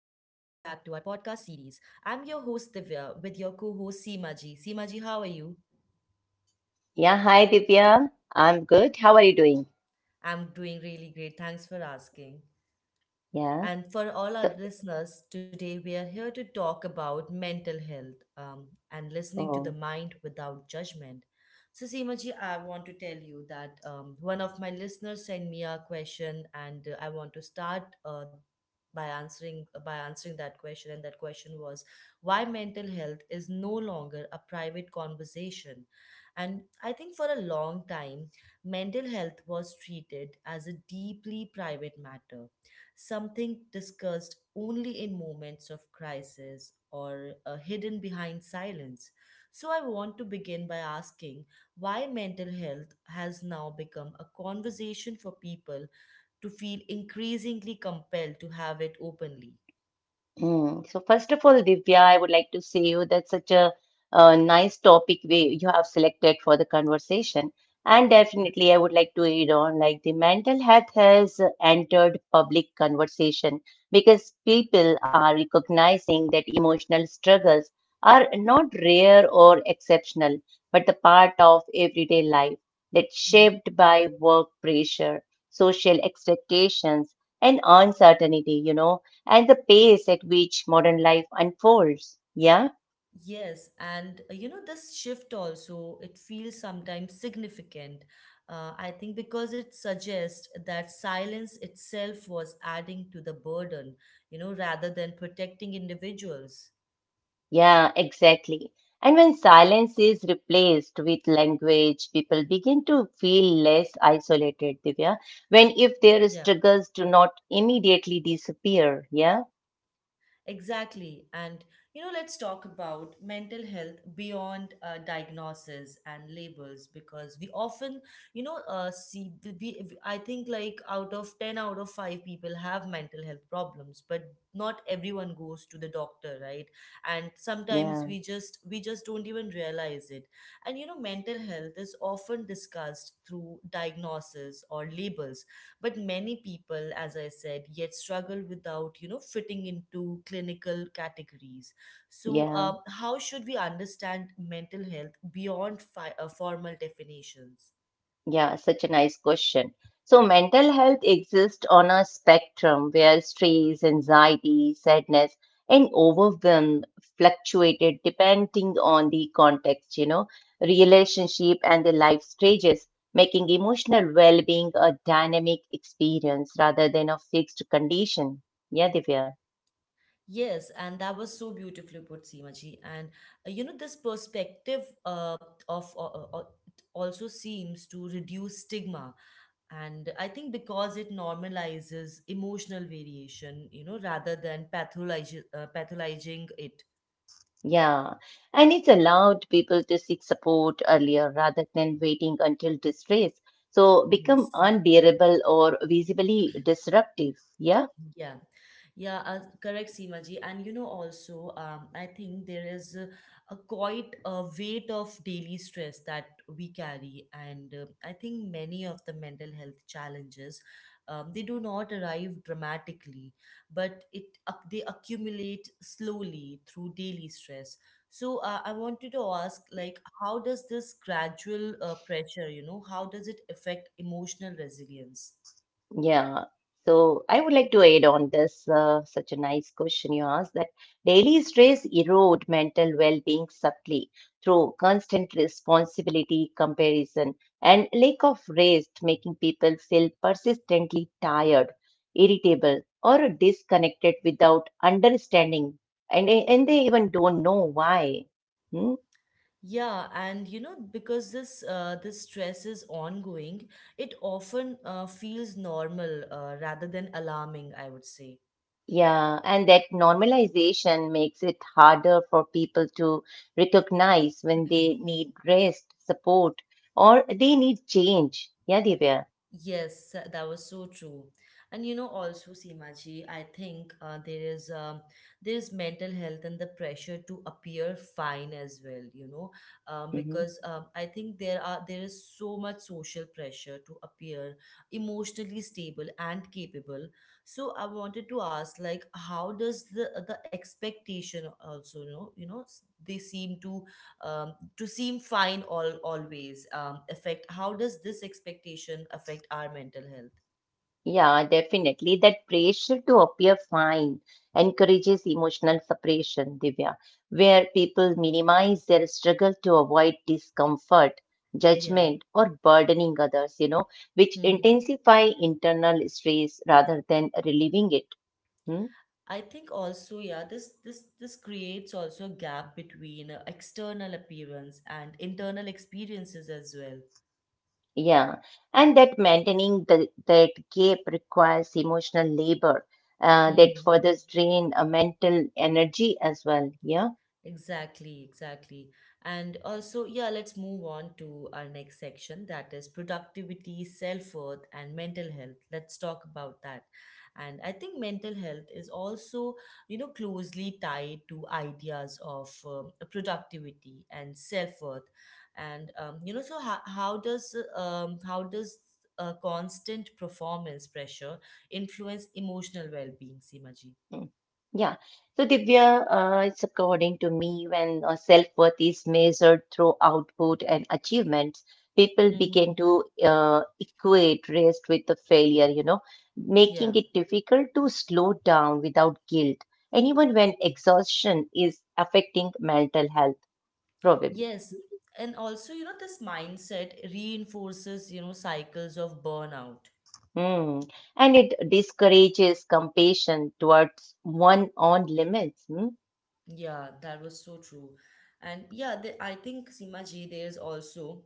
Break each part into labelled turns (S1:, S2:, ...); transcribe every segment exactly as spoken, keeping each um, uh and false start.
S1: podcast series. I'm your host Divya with your co host Seema ji. Seema ji, how are you?
S2: Yeah, hi Divya. I'm good. How are you doing?
S1: I'm doing really great. Thanks for asking.
S2: Yeah.
S1: And for all
S2: So,
S1: our listeners, today we are here to talk about mental health um, and listening to the
S2: oh,
S1: mind without judgment. So, Seemaji, I want to tell you that um, one of my listeners sent me a question, and uh, I want to start uh, by answering by answering that question. And that question was, why mental health is no longer a private conversation. And I think for a long time, mental health was treated as a deeply private matter, something discussed only in moments of crisis or uh, hidden behind silence. So, I want to begin by asking why mental health has now become a conversation for people to feel increasingly compelled to have it openly.
S2: Mm. So first of all, Divya, I would like to say you that's such a, uh nice topic we you have selected for the conversation. And
S1: Yeah.
S2: definitely, I would like to add on like the mental health has entered public conversation because people are recognizing that emotional struggles are not rare or exceptional, but the part of everyday life that's
S1: Mm-hmm.
S2: shaped by work pressure, social expectations, and uncertainty, you know and the pace at which modern life unfolds. Yeah,
S1: Yes, and uh, you know, this shift also, it feels sometimes significant. Uh, I think because it suggests that silence itself was adding to the burden, you know, rather than protecting individuals.
S2: yeah, exactly. And when silence is replaced with language, people begin to feel less isolated, Divya, when
S1: Yeah.
S2: if their struggles do not immediately disappear. Yeah,
S1: Exactly. And, you know, let's talk about mental health beyond uh, diagnosis and labels because we often, you know, uh, see, we, we- I think like out of ten out of five people have mental health problems, but not everyone goes to the doctor, right? And sometimes
S2: yeah,
S1: we just, we just don't even realize it. And, you know, mental health is often discussed through diagnosis or labels, but many people, as I said, yet struggle without, you know, fitting into clinical categories. So
S2: yeah.
S1: um, how should we understand mental health beyond fi- uh, formal definitions?
S2: Yeah, such a nice question. So, mental health exists on a spectrum where stress, anxiety, sadness, and overwhelm fluctuated depending on the context, you know, relationship and the life stages, making emotional well being a dynamic experience rather than a fixed condition. Yeah, Divya.
S1: Yes, and that was so beautifully put, Seemaji. And uh, you know, this perspective uh, of uh, uh, uh, it also seems to reduce stigma, and I think because it normalizes emotional variation, you know, rather than pathologizing uh, pathologizing it.
S2: Yeah, and it's allowed people to seek support earlier rather than waiting until distress so become
S1: Yes.
S2: unbearable or visibly disruptive. Yeah.
S1: Yeah, yeah, uh, correct, Seema ji. And you know, also, um, I think there is a, a quite a weight of daily stress that we carry, and uh, I think many of the mental health challenges, um, they do not arrive dramatically, but it ac- they accumulate slowly through daily stress. So uh, I wanted to ask, like, how does this gradual uh, pressure, you know, how does it affect emotional resilience?
S2: Yeah. So I would like to add on this, uh, such a nice question you asked that daily stress erode mental well-being subtly through constant responsibility, comparison, and lack of rest, making people feel persistently tired, irritable, or disconnected without understanding, and and they even don't know why. Hmm?
S1: Yeah, and you know, because this uh, this stress is ongoing, it often uh, feels normal uh, rather than alarming, I would say.
S2: Yeah, and that normalization makes it harder for people to recognize when they need rest, support, or they need change. Yeah, Divya.
S1: Yes, that was so true. And you know, also, Seemaji, I think uh, there is um, there is mental health and the pressure to appear fine as well. You know, um,
S2: Hmm.
S1: because um, I think there are there is so much social pressure to appear emotionally stable and capable. So I wanted to ask, like, how does the the expectation also, you know, you know, s- they seem to um, to seem fine all always, um, affect how does this expectation affect our mental health?
S2: Yeah, definitely. That pressure to appear fine encourages emotional separation, Divya, where people minimize their struggle to avoid discomfort,
S1: Yeah.
S2: judgment, or burdening others, you know, which
S1: Hmm.
S2: intensify internal stress rather than relieving it. Hmm?
S1: I think also, yeah, this this this creates also a gap between uh, external appearance and internal experiences as well.
S2: Yeah, and that maintaining the, that gap requires emotional labor, uh, that further drain uh, mental energy as well. Yeah.
S1: Exactly, exactly. And also, yeah, let's move on to our next section, that is productivity, self worth, and mental health. Let's talk about that. And I think mental health is also, you know, closely tied to ideas of um, productivity and self worth. And, um, you know, so how, how does, uh, um, how does uh, constant performance pressure influence emotional well being, Simaji?
S2: Mm. yeah. So Divya, uh, it's according to me when uh, self-worth is measured through output and achievements, people
S1: Mm-hmm.
S2: begin to uh, equate rest with the failure. You know, making it difficult to slow down without guilt, and even when exhaustion is affecting mental health, probably.
S1: Yes, and also, you know, this mindset reinforces, you know, cycles of burnout.
S2: Mm. And it discourages compassion towards one own limits. Hmm?
S1: Yeah, that was so true. And yeah, the, I think Sima ji, there's also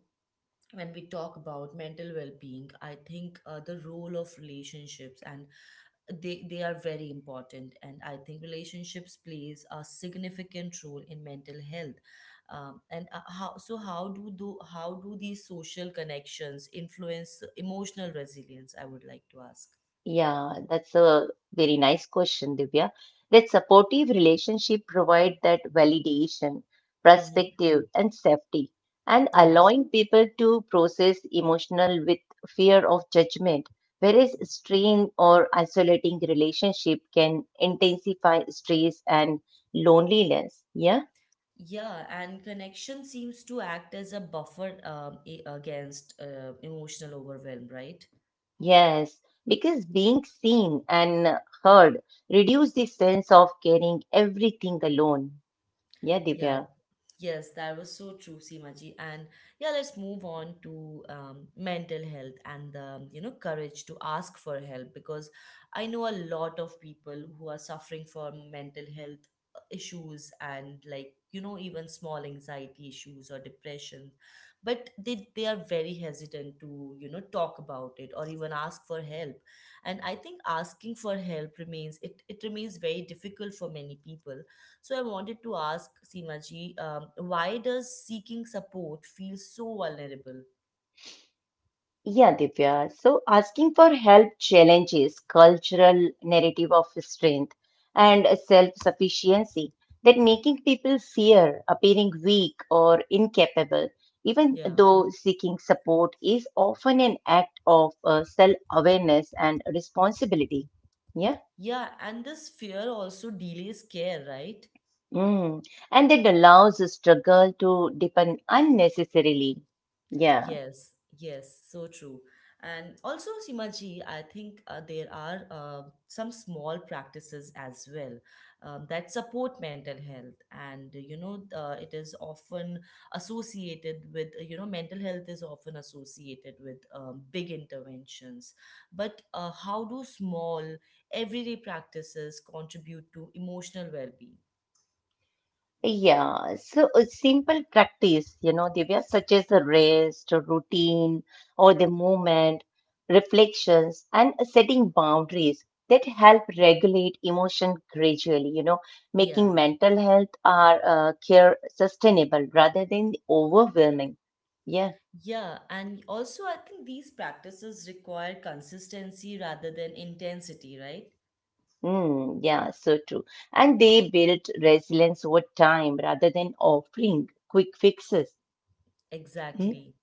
S1: when we talk about mental well-being, I think uh, the role of relationships, and they they are very important, and I think relationships plays a significant role in mental health. Um, and uh, how so how do do How do these social connections influence emotional resilience, I would like to ask.
S2: Yeah, that's a very nice question, Divya. That supportive relationship provide that validation,
S1: Hmm.
S2: perspective, and safety, and
S1: Yeah.
S2: allowing people to process emotional with fear of judgment. Whereas strained or isolating relationship can intensify stress and loneliness. Yeah.
S1: Yeah, and connection seems to act as a buffer um, a- against uh, emotional overwhelm, right?
S2: Yes, because being seen and heard reduce the sense of carrying everything alone. Yeah,
S1: Yeah,
S2: Divya.
S1: yes, that was so true, Seemaji. And yeah, let's move on to um, mental health and the, you know, courage to ask for help, because I know a lot of people who are suffering from mental health uh, issues, and like, you know, even small anxiety issues or depression, but they, they are very hesitant to, you know, talk about it or even ask for help. And I think asking for help remains, it, it remains very difficult for many people. So I wanted to ask, Seema Ji, um, why does seeking support feel so vulnerable?
S2: Yeah, Divya. So asking for help challenges cultural narrative of strength and self-sufficiency that making people fear appearing weak or incapable, even
S1: Yeah.
S2: though seeking support is often an act of uh, self-awareness and responsibility. Yeah.
S1: Yeah, and this fear also delays care, right?
S2: Mm. And it allows the struggle to deepen unnecessarily. Yeah.
S1: Yes, yes, so true. And also, Simaji, I think uh, there are uh, some small practices as well um, that support mental health. And, uh, you know, uh, it is often associated with, uh, you know, mental health is often associated with um, big interventions. But uh, how do small, everyday practices contribute to emotional well-being?
S2: Yeah. So a simple practice, you know, Divya, such as a rest or routine or the movement, reflections, and setting boundaries that help regulate emotion gradually, you know,
S1: Yeah.
S2: making mental health our uh, care sustainable rather than overwhelming. Yeah.
S1: Yeah, and also I think these practices require consistency rather than intensity, right?
S2: Mm, yeah, so true. And they built resilience over time rather than offering quick fixes. Mm,
S1: Exactly.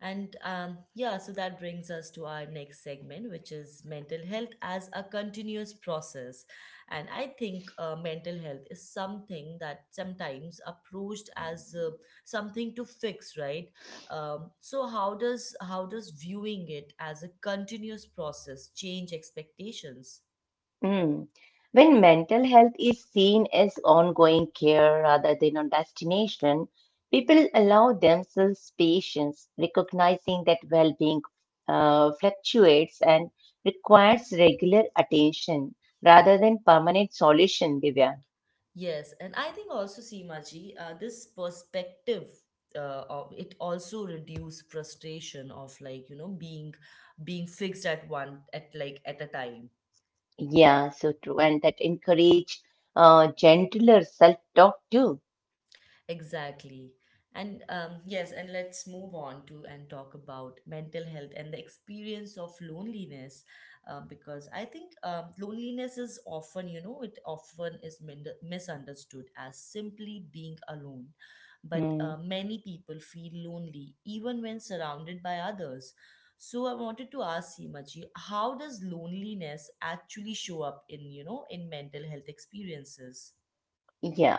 S1: And um, yeah, so that brings us to our next segment, which is mental health as a continuous process. And I think uh, mental health is something that sometimes approached as uh, something to fix, right? Um, so how does how does viewing it as a continuous process change expectations?
S2: mm. When mental health is seen as ongoing care rather than a destination, people allow themselves patience, recognizing that well-being uh, fluctuates and requires regular attention rather than permanent solution, Divya.
S1: Yes, and I think also, Seemaji, uh, this perspective uh, of it also reduce frustration of, like, you know, being being fixed at one at like at a time.
S2: Yeah, so true. And that encourage uh, gentler self-talk too.
S1: Exactly. And um, yes, and let's move on to and talk about mental health and the experience of loneliness, uh, because I think um, loneliness is often, you know, it often is min- misunderstood as simply being alone. But
S2: Hmm,
S1: uh, many people feel lonely even when surrounded by others. So I wanted to ask, Himaji, how does loneliness actually show up in, you know, in mental health experiences?
S2: yeah.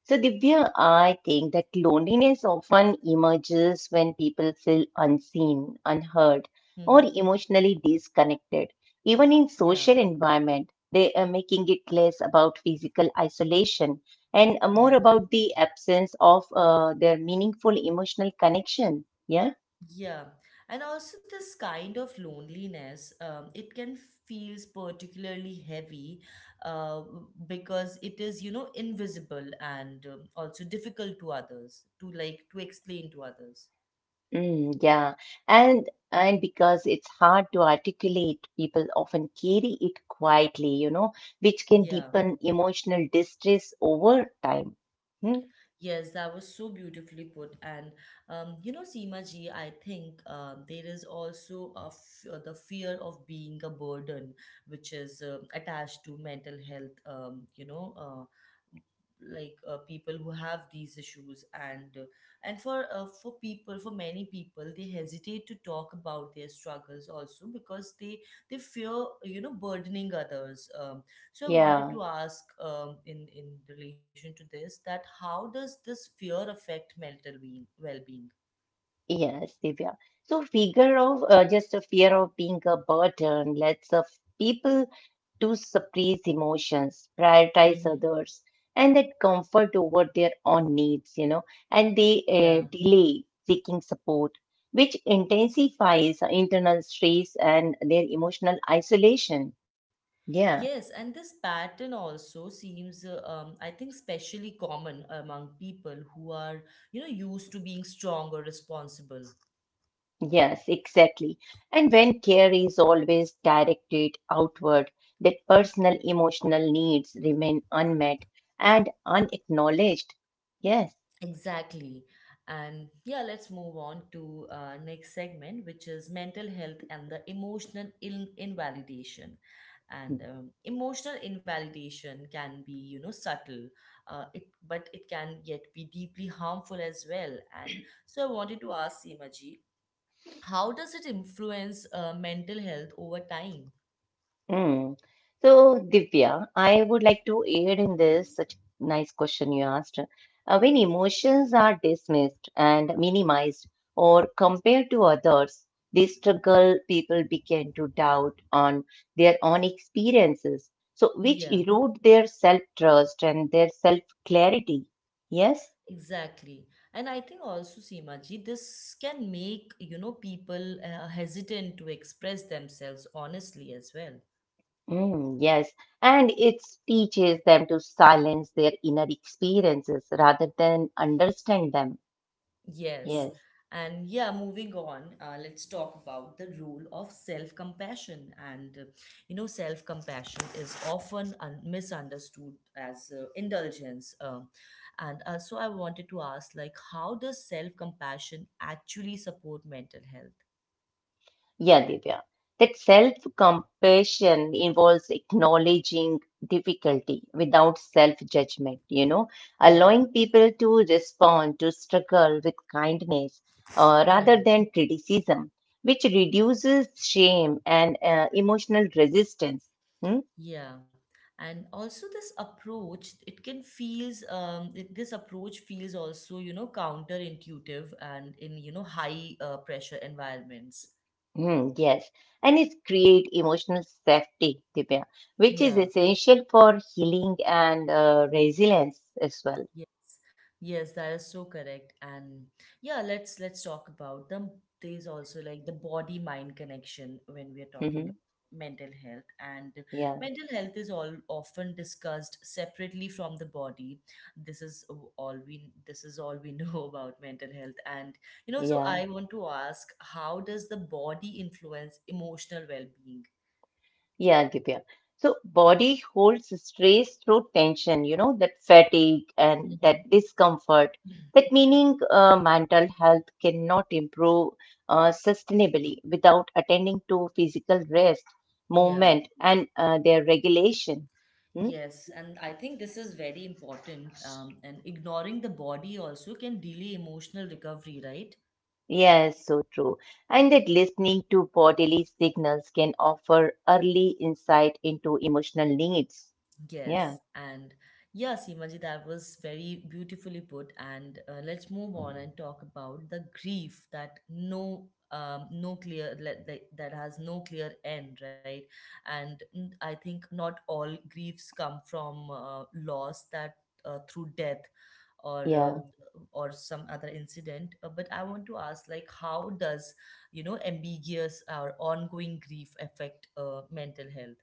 S2: So, Divya, I think that loneliness often emerges when people feel unseen, unheard, or
S1: Mm-hmm.
S2: emotionally disconnected. Even in
S1: Yeah,
S2: social environment, they are making it less about physical isolation and more
S1: yeah.
S2: about the absence of uh, their meaningful emotional connection. Yeah.
S1: Yeah, and also this kind of loneliness, um, it can feels particularly heavy, uh, because it is, you know, invisible and um, also difficult to others to, like, to explain to others.
S2: Mm, yeah, and and because it's hard to articulate, people often carry it quietly, you know, which can
S1: Yeah.
S2: deepen emotional distress over time. Hmm?
S1: Yes, that was so beautifully put. And um, you know, Seema ji, I think um, there is also a f- uh, the fear of being a burden, which is um attached to mental health. Um, you know, uh, like uh, people who have these issues, and uh, and for uh, for people, for many people, they hesitate to talk about their struggles also because they they fear, you know, burdening others. Um, so I wanted
S2: Yeah.
S1: to ask, um, in in relation to this, that how does this fear affect mental being well-being?
S2: Yes, Divya. So, figure of uh, just a fear of being a burden lets of people to suppress emotions, prioritize
S1: Hmm.
S2: others, and that comfort over their own needs, you know, and they uh,
S1: Yeah.
S2: delay seeking support, which intensifies internal stress and their emotional isolation. Yeah.
S1: Yes, and this pattern also seems, uh, um, I think, especially common among people who are, you know, used to being strong or responsible.
S2: Yes, exactly. And when care is always directed outward, that personal emotional needs remain unmet and unacknowledged. Yes.
S1: Exactly. And yeah, let's move on to uh, next segment, which is mental health and the emotional in- invalidation. And
S2: Hmm.
S1: um, emotional invalidation can be, you know, subtle, uh, it but it can yet be deeply harmful as well. And so I wanted to ask, Seemaji, how does it influence uh, mental health over time?
S2: Mm. So, Divya, I would like to aid in this such nice question you asked. Uh, when emotions are dismissed and minimized or compared to others, they struggle, people begin to doubt on their own experiences, so which
S1: Yeah.
S2: erode their self-trust and their self-clarity. Yes?
S1: Exactly. And I think also, Seemaji, this can make, you know, people uh, hesitant to express themselves honestly as well.
S2: Mm, yes. And it teaches them to silence their inner experiences rather than understand them.
S1: Yes.
S2: Yes.
S1: And yeah, moving on, uh, let's talk about the role of self compassion. And, uh, you know, self compassion is often un- misunderstood as uh, indulgence. Uh, and uh, So I wanted to ask, like, how does self compassion actually support mental health?
S2: Yeah, Divya. That self-compassion involves acknowledging difficulty without self-judgment, you know,
S1: Yeah.
S2: allowing people to respond to struggle with kindness uh,
S1: Yeah.
S2: rather than criticism, which reduces shame and uh, emotional resistance. Hmm?
S1: Yeah, and also this approach, it can feels um it, this approach feels also, you know, counterintuitive and, in you know, high uh, pressure environments.
S2: Hmm, yes, and it create emotional safety, Divya, which is
S1: Yeah.
S2: essential for healing and uh, resilience as well.
S1: Yes, yes, that is so correct. And yeah, let's let's talk about them. There's also like the body mind connection when we are talking about
S2: Hmm.
S1: mental health. And
S2: Yeah,
S1: mental health is all often discussed separately from the body. This is o- all we this is all we know about mental health. And you know, so
S2: yeah.
S1: I want to ask, how does the body influence emotional well-being?
S2: Yeah, Divya. So body holds stress through tension, you know, that fatigue and
S1: Mm-hmm.
S2: that discomfort. That meaning uh, mental health cannot improve uh, sustainably without attending to physical rest, movement, and uh, their regulation. Hmm?
S1: Yes, and I think this is very important. Um, and ignoring the body also can delay emotional recovery, right?
S2: Yes, so true. And that listening to bodily signals can offer early insight into emotional needs. Yeah.
S1: Yes, and yes, Imaji, that was very beautifully put. And uh, let's move on and talk about the grief that no, um, no clear let- that that has no clear end, right? And mm, I think not all griefs come from uh, loss, that uh, through death or uh,
S2: Yeah.
S1: or some other incident. Uh, but I want to ask, like, how does, you know, ambiguous or ongoing grief affect uh, mental health?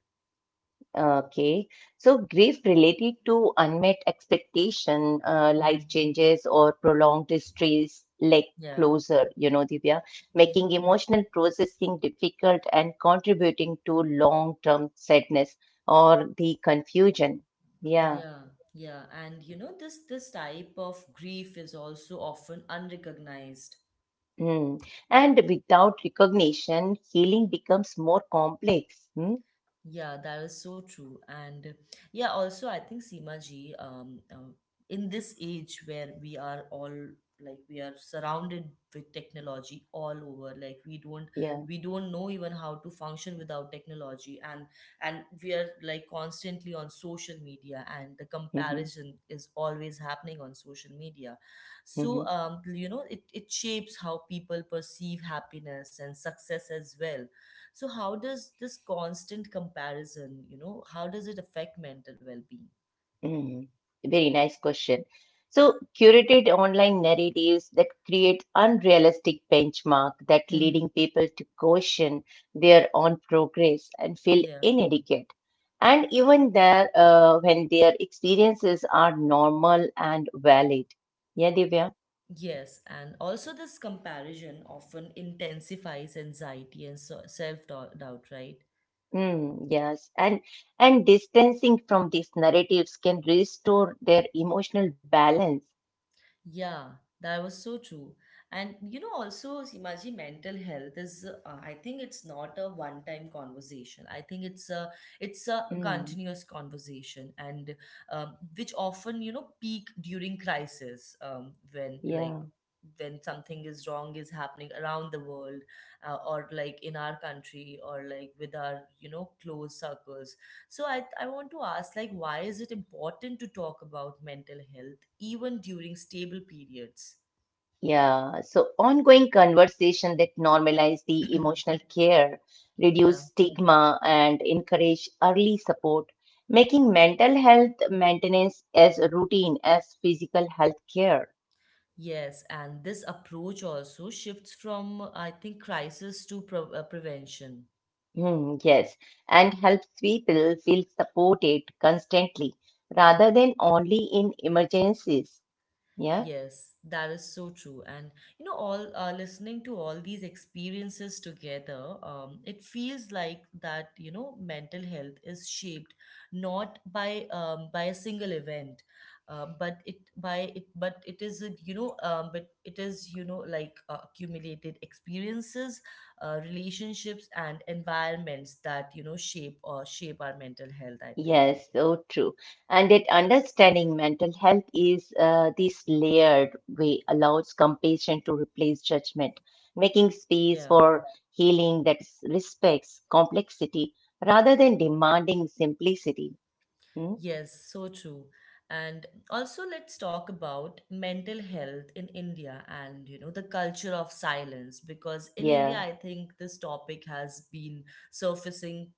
S2: Okay. So grief related to unmet expectation, uh, life
S1: Mhm.
S2: changes, or prolonged distress like
S1: Yeah.
S2: closure, you know, Divya, making emotional processing difficult and contributing to long-term sadness or the confusion. Yeah.
S1: Yeah, yeah. And you know, this this type of grief is also often unrecognized.
S2: Mm. And without recognition, healing becomes more complex. Hmm?
S1: Yeah, that is so true. And yeah, also I think Seema ji, um, um, in this age where we are all like we are surrounded with technology all over. Like we don't
S2: Yeah.
S1: we don't know even how to function without technology, and and we are like constantly on social media, and the
S2: Hmm.
S1: comparison is always happening on social media. So um, you know, it it shapes how people perceive happiness and success as well. So how does this constant comparison, you know, how does it affect mental well-being?
S2: Mm, very nice question. So, curated online narratives that create unrealistic benchmark that
S1: Mm-hmm.
S2: leading people to question their own progress and feel
S1: Yeah.
S2: inadequate. And even there, uh, when their experiences are normal and valid. Yeah, Divya?
S1: Yes, and also this comparison often intensifies anxiety and so self-doubt, right?
S2: Mm, yes. And, and distancing from these narratives can restore their emotional balance.
S1: Yeah, that was so true. And you know, also, Simaji, mental health is, uh, I think it's not a one-time conversation. I think it's a it's a
S2: Mm,
S1: continuous conversation, and um, which often you know peak during crisis, um, when like
S2: yeah.
S1: when something is wrong is happening around the world, uh, or like in our country, or like with our you know close circles. So I I want to ask, like, why is it important to talk about mental health, even during stable periods?
S2: Yeah, so ongoing conversation that normalize the emotional care,
S1: Yeah.
S2: reduce stigma, and encourage early support, making mental health maintenance as routine as physical health care.
S1: Yes, and this approach also shifts from, I think, crisis to pre- uh, prevention.
S2: Hmm, yes, and helps people feel supported constantly rather than only in emergencies. Yeah.
S1: Yes, that is so true. And you know, all uh, listening to all these experiences together, um, it feels like that you know mental health is shaped not by um, by a single event, uh, but it by it but it is a, you know um, but it is you know like uh, accumulated experiences, uh, relationships, and environments that you know shape or shape our mental health, I think.
S2: Yes, so true. And that understanding mental health is uh, this layered way allows compassion to replace judgment, making
S1: Yeah.
S2: space for healing that s- respects complexity rather than demanding simplicity. Hmm?
S1: Yes, so true. And also, let's talk about mental health in India and, you know, the culture of silence. Because in
S2: Yeah.
S1: India, I think this topic has been surfacing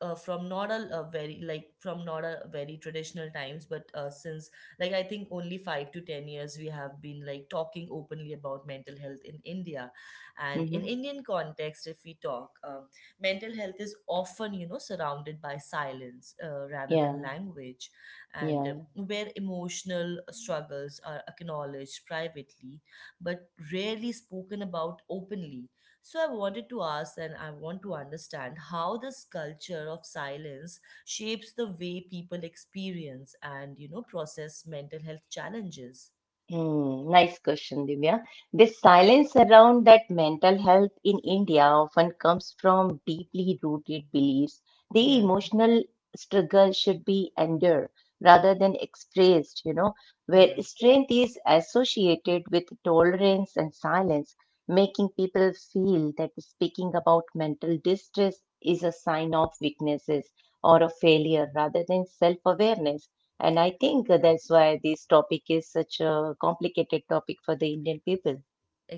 S1: uh, from not a, a very like from not a very traditional times but uh, since like I think only five to ten years we have been like talking openly about mental health in india. And in
S2: Hmm.
S1: indian context if we talk, um, mental health is often you know surrounded by silence uh, rather than
S2: Yeah.
S1: language, and uh,
S2: Yeah.
S1: where emotional struggles are acknowledged privately but rarely spoken about openly. So I wanted to ask and I want to understand how this culture of silence shapes the way people experience and you know process mental health challenges.
S2: Hmm, nice question, Divya. The silence around that mental health in India often comes from deeply rooted beliefs. The
S1: Yeah,
S2: emotional struggle should be endured rather than expressed, you know, where
S1: yeah.
S2: strength is associated with tolerance and silence, making people feel that speaking about mental distress is a sign of weaknesses or a failure rather than self awareness. And I think that's why this topic is such a complicated topic for the Indian people.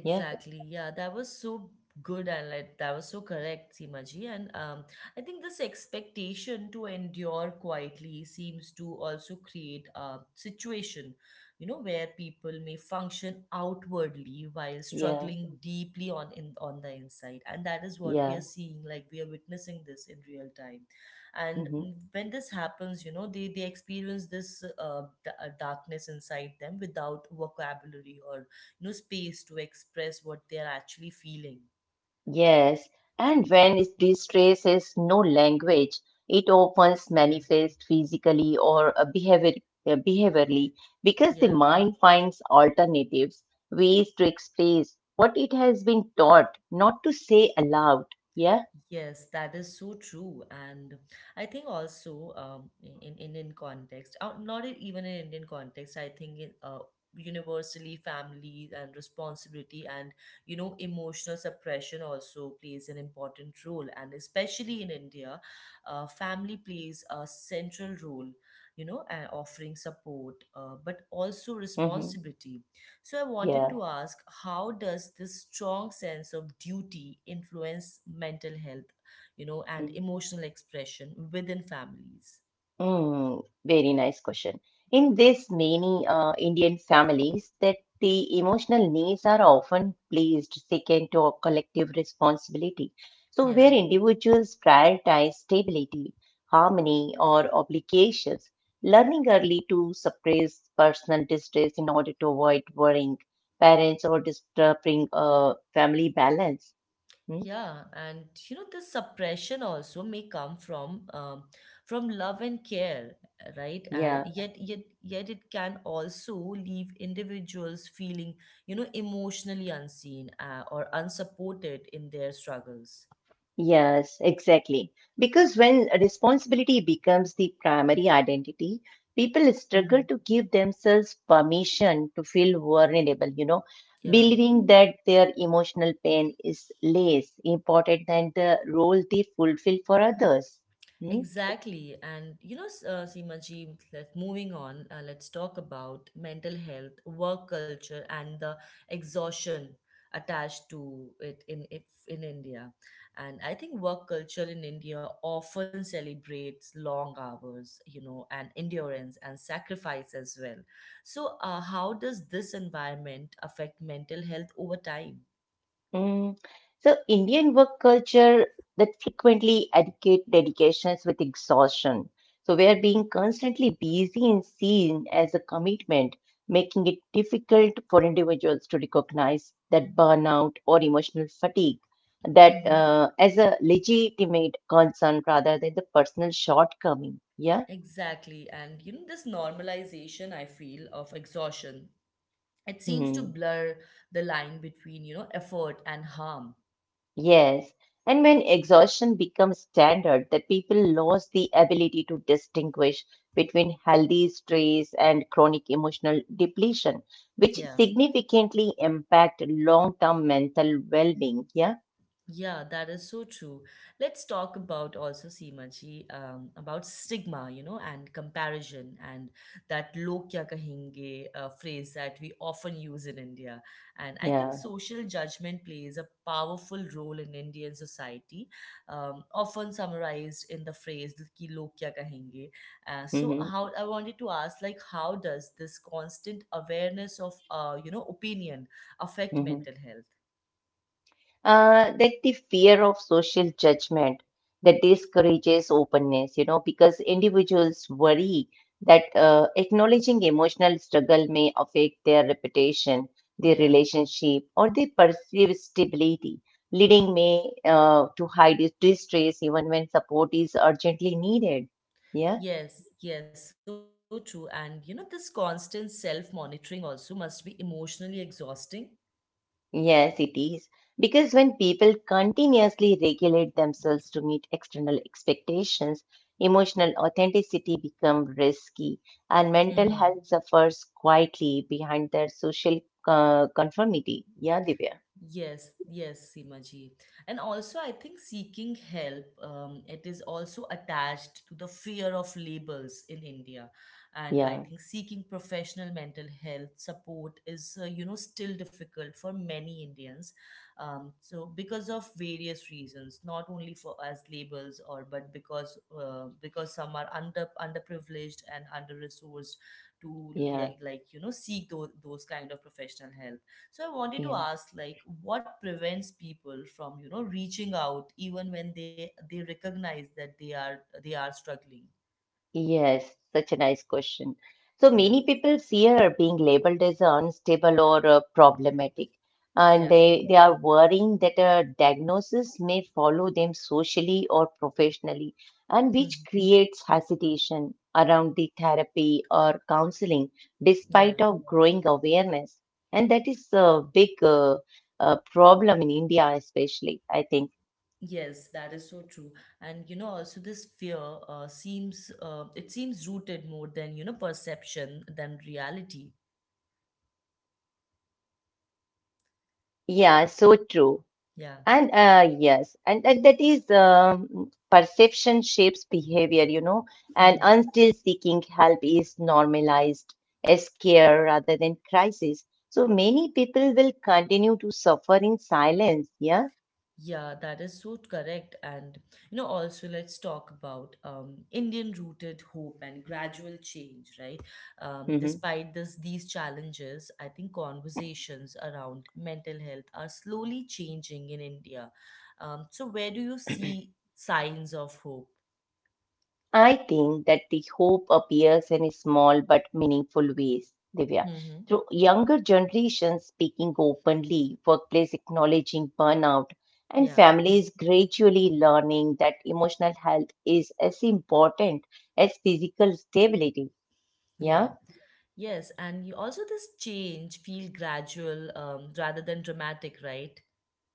S2: Yeah,
S1: Yeah, that was so good and like that was so correct, Seemaji. And um, I think this expectation to endure quietly seems to also create a situation, you know, where people may function outwardly while
S2: yeah,
S1: struggling deeply on in on the inside. And that is what we
S2: yeah.
S1: are seeing, like we are witnessing this in real time. And
S2: Hmm.
S1: mm, when this happens, you know, they they experience this uh, d- uh, darkness inside them without vocabulary or no space to express what they are actually feeling.
S2: Yes. And when is- distress is no language, it often
S1: Yeah.
S2: manifests physically or uh, behavior, uh, behaviorally because the
S1: Yeah.
S2: mind finds alternatives, ways to express what it has been taught not to say aloud. Yeah.
S1: Yes, that is so true. And I think also um, in, in Indian context, uh, not in- even in Indian context, I think in, uh, universally family and responsibility and, you know, emotional suppression also plays an important role. And especially in India, uh, family plays a central role, you know, and offering support, uh, but also
S2: Hmm.
S1: responsibility. So I wanted
S2: Yeah.
S1: to ask, how does this strong sense of duty influence mental health, you know, and
S2: Mm-hmm.
S1: emotional expression within families?
S2: Mm, very nice question. In this many uh, Indian families, that the emotional needs are often placed second to a collective responsibility. So where
S1: Yeah.
S2: individuals prioritize stability, harmony, or obligations, learning early to suppress personal distress in order to avoid worrying parents or disturbing uh, family balance. Hmm?
S1: Yeah, and you know this suppression also may come from um, from love and care, right?
S2: Yeah.
S1: And yet, yet, yet it can also leave individuals feeling, you know, emotionally unseen uh, or unsupported in their struggles.
S2: Yes, exactly. Because when responsibility becomes the primary identity, people struggle
S1: Mm-hmm.
S2: to give themselves permission to feel vulnerable, you know,
S1: Yeah.
S2: believing that their emotional pain is less important than the role they fulfill for others. Hmm?
S1: Exactly. And you know, S- uh, Seema ji, let, moving on, uh, let's talk about mental health, work culture, and the exhaustion attached to it in if in India. And I think work culture in India often celebrates long hours, you know, and endurance and sacrifice as well. So, uh, how does this environment affect mental health over time?
S2: Mm. So, Indian work culture that frequently educate dedications with exhaustion. So, where being constantly busy is seen as a commitment, making it difficult for individuals to recognize that burnout or emotional fatigue that
S1: Hmm.
S2: uh, as a legitimate concern rather than the personal shortcoming. Yeah.
S1: Exactly. And you know, this normalization, I feel, of exhaustion, it seems to
S2: Mm-hmm.
S1: blur the line between you know effort and harm.
S2: Yes, and when exhaustion becomes standard, that people lose the ability to distinguish between healthy stress and chronic emotional depletion, which
S1: Yeah.
S2: significantly impact long-term mental well-being. Yeah,
S1: Yeah, that is so true. Let's talk about also Seemaji, um, about stigma, you know, and comparison, and that "log kya kahenge" uh, phrase that we often use in India. And I think
S2: yeah.
S1: social judgment plays a powerful role in Indian society, um, often summarized in the phrase "ki log kya kahenge." Uh, so,
S2: Hmm.
S1: how I wanted to ask, like, how does this constant awareness of, uh, you know, opinion affect mental health?
S2: Uh, that the fear of social judgment that discourages openness, you know, because individuals worry that uh, acknowledging emotional struggle may affect their reputation, their
S1: Yeah.
S2: relationship, or their perceived stability, leading may uh, to hide distress even when support is urgently needed. Yeah.
S1: Yes, yes, so true. And you know, this constant self monitoring also must be emotionally exhausting.
S2: Yes, it is. Because when people continuously regulate themselves to meet external expectations, emotional authenticity becomes risky and mental
S1: Hmm.
S2: health suffers quietly behind their social uh, conformity. Yeah, Divya.
S1: Yes, yes, Simaji. And also, I think seeking help, um, it is also attached to the fear of labels in India. And I
S2: Yeah,
S1: think seeking professional mental health support is, uh, you know, still difficult for many Indians. Um, so because of various reasons, not only for as labels or but because uh, because some are under underprivileged and under resourced to
S2: yeah,
S1: like, like you know seek those those kind of professional help. So I wanted to
S2: yeah.
S1: ask, like, what prevents people from, you know, reaching out even when they they recognize that they are they are struggling?
S2: Yes, such a nice question. So
S1: Yeah.
S2: many people fear being labeled as unstable or uh, problematic, and
S1: Yeah.
S2: they, they are worrying that a diagnosis may follow them socially or professionally, and which
S1: Mhm.
S2: creates hesitation around the therapy or counseling,
S1: Yeah.
S2: despite of growing awareness. And that is a big uh, uh, problem in India, especially, I think.
S1: Yes, that is so true. And you know, also this fear uh, seems uh, it seems rooted more than, you know, perception than reality.
S2: Yeah, so true.
S1: Yeah.
S2: And uh, yes, and, and that is um, perception shapes behavior, you know, and until seeking help is normalized as care rather than crisis. So many people will continue to suffer in silence. Yeah.
S1: Yeah, that is so correct. And you know, also let's talk about um, Indian rooted hope and gradual change, right? Um,
S2: Mm-hmm.
S1: despite this, these challenges, I think conversations around mental health are slowly changing in India. Um, so, where do you see signs of hope?
S2: I think that the hope appears in small but meaningful ways, Divya.
S1: Mm-hmm.
S2: Through younger generations speaking openly, workplace acknowledging burnout, and
S1: Yeah.
S2: families gradually learning that emotional health is as important as physical stability. Yeah.
S1: Yeah. Yes, and you also this change feel gradual um, rather than dramatic, right?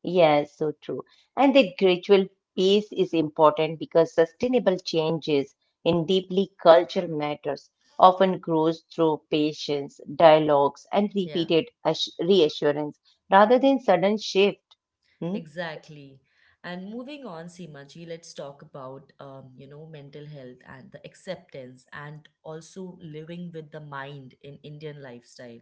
S2: Yes, so true. And the gradual pace is important because sustainable changes in deeply cultural matters often grows through patience, dialogues, and
S1: Yeah.
S2: repeated assu- reassurance rather than sudden shift. Hmm?
S1: Exactly. And moving on, Seemaji, let's talk about um, you know mental health and the acceptance and also living with the mind in Indian lifestyle.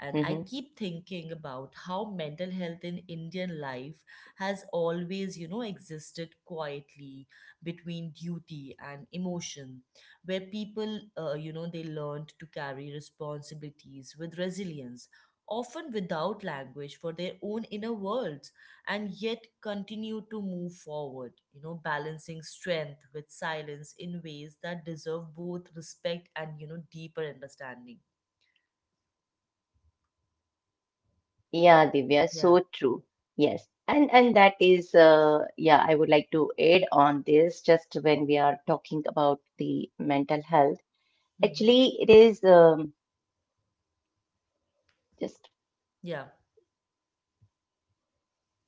S1: And I
S2: hmm
S1: keep thinking about how mental health in Indian life has always you know existed quietly between duty and emotion, where people uh, you know they learned to carry responsibilities with resilience, often without language for their own inner worlds and yet continue to move forward, you know, balancing strength with silence in ways that deserve both respect and, you know, deeper understanding.
S2: Yeah, Divya,
S1: Yeah.
S2: so true. Yes. And and that is uh, yeah, I would like to add on this just when we are talking about the mental health.
S1: Hmm.
S2: Actually, it is um, just
S1: Yeah.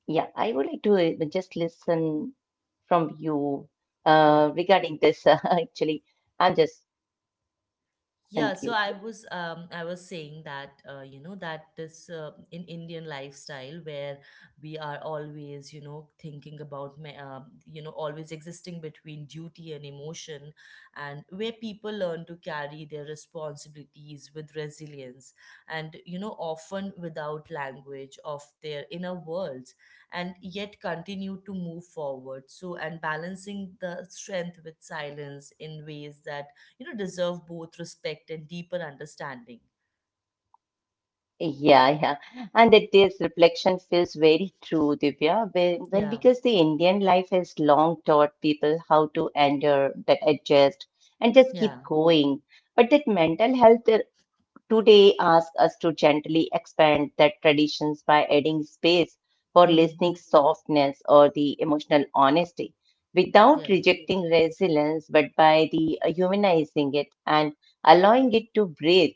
S2: Yeah, I would like to uh, just listen from you
S1: Yeah.
S2: uh, regarding this. Uh, actually, I'm just
S1: Yeah, so
S2: confused.
S1: I was um I was saying that uh, you know that this uh, in Indian lifestyle where we are always you know thinking about ma- uh, you know always existing between duty and emotion, and where people learn to carry their responsibilities with resilience, and you know often without language of their inner worlds, and yet continue to move forward, so and balancing the strength with silence in ways that you know deserve both respect and deeper understanding.
S2: Yeah, yeah. And that this reflection feels very true, Divya, when, when
S1: Yeah.
S2: because the Indian life has long taught people how to endure, that adjust, and just
S1: Yeah.
S2: keep going. But that mental health today ask us to gently expand that traditions by adding space for
S1: Hmm.
S2: listening softness or the emotional honesty
S1: Yeah.
S2: without rejecting resilience, but by the uh, humanizing it and allowing it to breathe.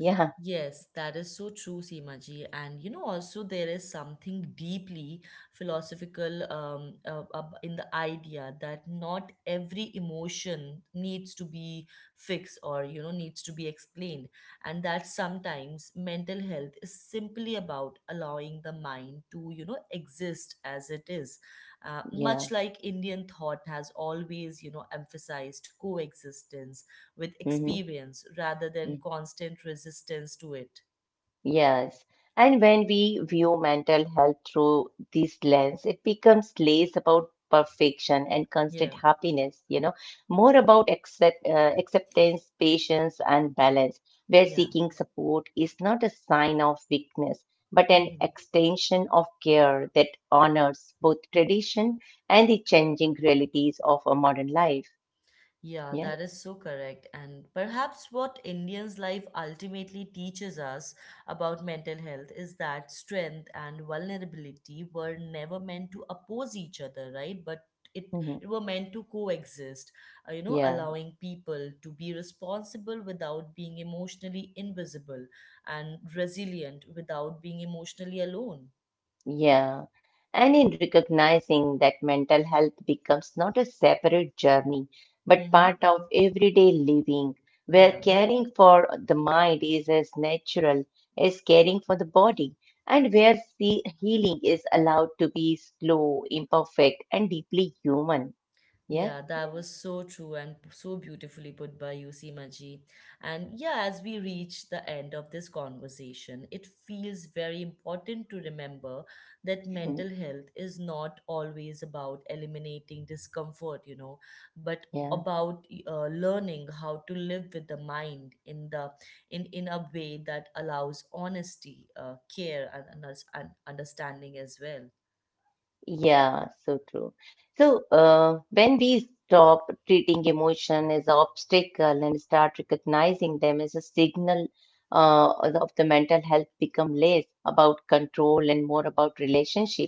S2: Yeah,
S1: Yes, that is so true, Seemaji. And you know, also there is something deeply philosophical um, uh, ab- in the idea that not every emotion needs to be fixed or you know needs to be explained, and that sometimes mental health is simply about allowing the mind to you know exist as it is. Uh,
S2: yeah.
S1: much like Indian thought has always you know emphasized coexistence with
S2: hmm
S1: experience rather than constant resistance to it.
S2: Yes. And when we view mental health through this lens, it becomes less about perfection and
S1: Yeah,
S2: constant happiness, you know, more about accept, uh, acceptance, patience, and balance, where
S1: yeah.
S2: seeking support is not a sign of weakness, but an
S1: Mhm.
S2: extension of care that honors both tradition and the changing realities of a modern life.
S1: Yeah,
S2: Yeah.
S1: that is so correct. And perhaps what Indians' life ultimately teaches us about mental health is that strength and vulnerability were never meant to oppose each other, right? But it, it
S2: Mhm.
S1: were meant to coexist, uh, you know,
S2: Yeah.
S1: allowing people to be responsible without being emotionally invisible and resilient without being emotionally alone.
S2: Yeah, and in recognizing that mental health becomes not a separate journey, but
S1: Mm-hmm.
S2: part of everyday living, where
S1: Yeah,
S2: caring for the mind is as natural as caring for the body, and where see healing is allowed to be slow, imperfect, and deeply human. Yeah,
S1: yeah, that was so true and p- so beautifully put by you, Seemaji. And yeah, as we reach the end of this conversation, it feels very important to remember that
S2: Mhm.
S1: mental health is not always about eliminating discomfort, you know, but
S2: Yeah.
S1: about y- uh, learning how to live with the mind in the in in a way that allows honesty, uh, care, and, and us- and understanding as well.
S2: Yeah, so true. So, uh, when we stop treating emotion as an obstacle and start recognizing them as a signal uh, of the mental health, become less about control and more about relationship,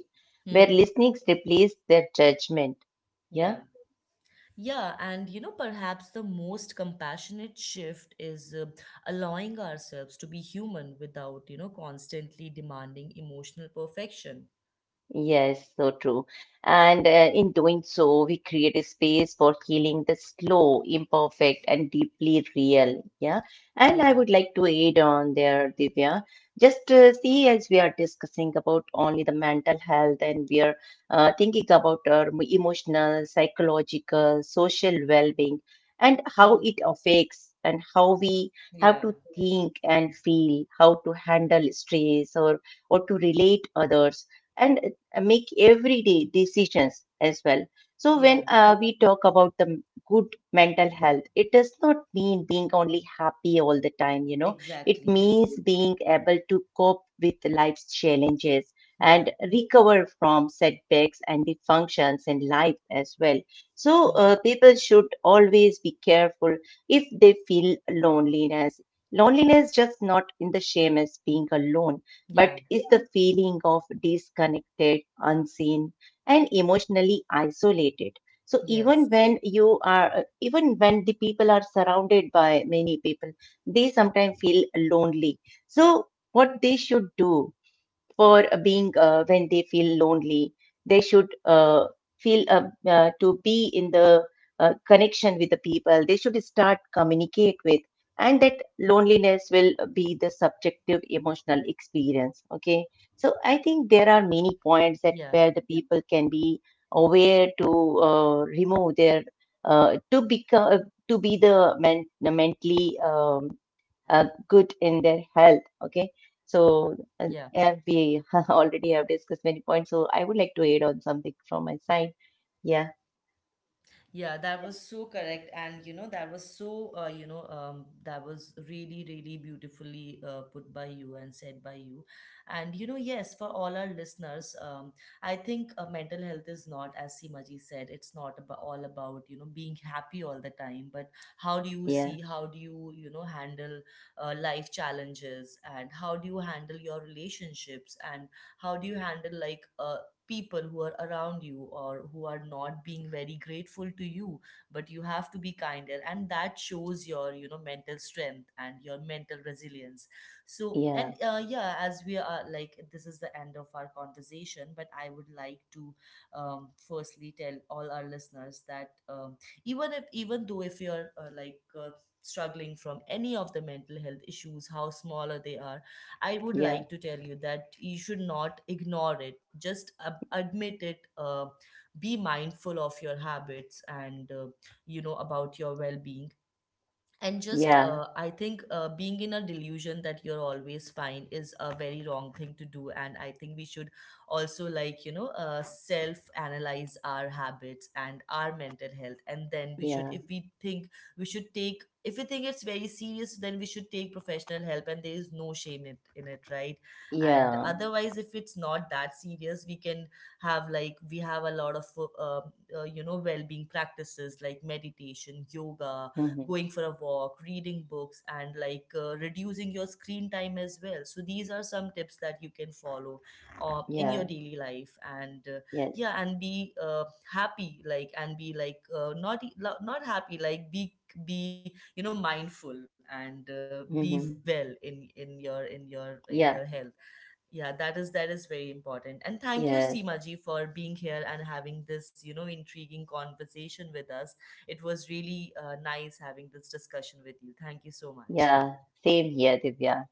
S2: where
S1: Hmm.
S2: listening replaces their judgment. Yeah.
S1: Yeah. Yeah, and you know, perhaps the most compassionate shift is uh, allowing ourselves to be human without, you know, constantly demanding emotional perfection.
S2: Yes, so true. And uh, in doing so, we create a space for healing the slow, imperfect, and deeply real. Yeah. And I
S1: Yeah.
S2: would like to add on there, Divya. Just uh, see, as we are discussing about only the mental health, and we are uh, thinking about our m- emotional, psychological, social well-being, and
S1: Mhm.
S2: how it affects and how we
S1: Yeah,
S2: how to think and feel, how to handle stress or or to relate others and uh, make everyday decisions as well. So
S1: yeah,
S2: when uh, we talk about the m- good mental health, it does not mean being only happy all the time, you know. It
S1: exactly.
S2: means being able to cope with life's challenges and
S1: Yeah.
S2: recover from setbacks and the functions in life as well. So uh,
S1: Mhm.
S2: people should always be careful if they feel loneliness. Loneliness just not in the shame as being alone, but
S1: Yeah.
S2: is the feeling of disconnected, unseen, and emotionally isolated. So even
S1: Yes.
S2: when you are, even when the people are surrounded by many people, they sometimes feel lonely. So what they should do for being uh, when they feel lonely, they should uh, feel uh, uh, to be in the uh, connection with the people they should start communicate with, and that loneliness will be the subjective emotional experience. Okay, so I think there are many points
S1: Yeah.
S2: that where the people can be aware to uh, remove their uh, to become uh, to be the men- mentally um, uh, good in their health. Okay, so uh,
S1: Yeah.
S2: yeah, we already have discussed many points, so I would like to add on something from my side. Yeah,
S1: Yeah, that was so correct. And, you know, that was so, uh, you know, um, that was really, really beautifully uh, put by you and said by you. And, you know, yes, for all our listeners, um, I think uh, mental health is not, as Simaji said, it's not about all about, you know, being happy all the time, but how do you
S2: yeah,
S1: see, how do you, you know, handle uh, life challenges, and how do you handle your relationships, and how do you handle like uh, people who are around you or who are not being very grateful to you, but you have to be kinder, and that shows your you know mental strength and your mental resilience. So
S2: yeah.
S1: and uh, yeah, as we are like this is the end of our conversation, but I would like to um, firstly tell all our listeners that um, even if even though if you're uh, like uh, struggling from any of the mental health issues how smaller they are, I would
S2: Yeah,
S1: like to tell you that you should not ignore it. Just ab- admit it. Uh, be mindful of your habits and uh, you know about your well-being. And just
S2: yeah,
S1: uh, I think uh, being in a delusion that you're always fine is a very wrong thing to do, and I think we should also like you know uh, self analyze our habits and our mental health, and then we should
S2: yeah,
S1: if we think we should take if we think it's very serious then we should take professional help, and there is no shame in, in it, right? And
S2: yeah,
S1: otherwise if it's not that serious we can have like we have a lot of uh, uh, you know well-being practices like meditation, yoga,
S2: hmm,
S1: going for a walk, reading books, and like uh, reducing your screen time as well. So these are some tips that you can follow uh, in
S2: yeah,
S1: your daily life. And uh,
S2: yes,
S1: yeah, and be uh, happy like and be like uh, not e- lo- not happy like be be you know mindful and uh, be
S2: hmm,
S1: well in in your in your in your
S2: yeah,
S1: health. Yeah, that is that is very important. And thank you,
S2: yes,
S1: Seemaji, for being here and having this, you know, intriguing conversation with us. It was really uh, nice having this discussion with you. Thank you so
S2: yeah.
S1: much.
S2: Same here, Divya.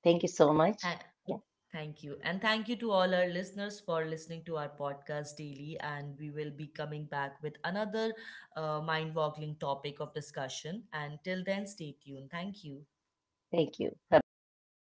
S2: Thank you so much.
S1: Tha-
S2: Yeah,
S1: Thank you. And thank you to all our listeners for listening to our podcast daily. And we will be coming back with another uh, mind-boggling topic of discussion. And till then, stay tuned. Thank you.
S2: thank you. Bye bye.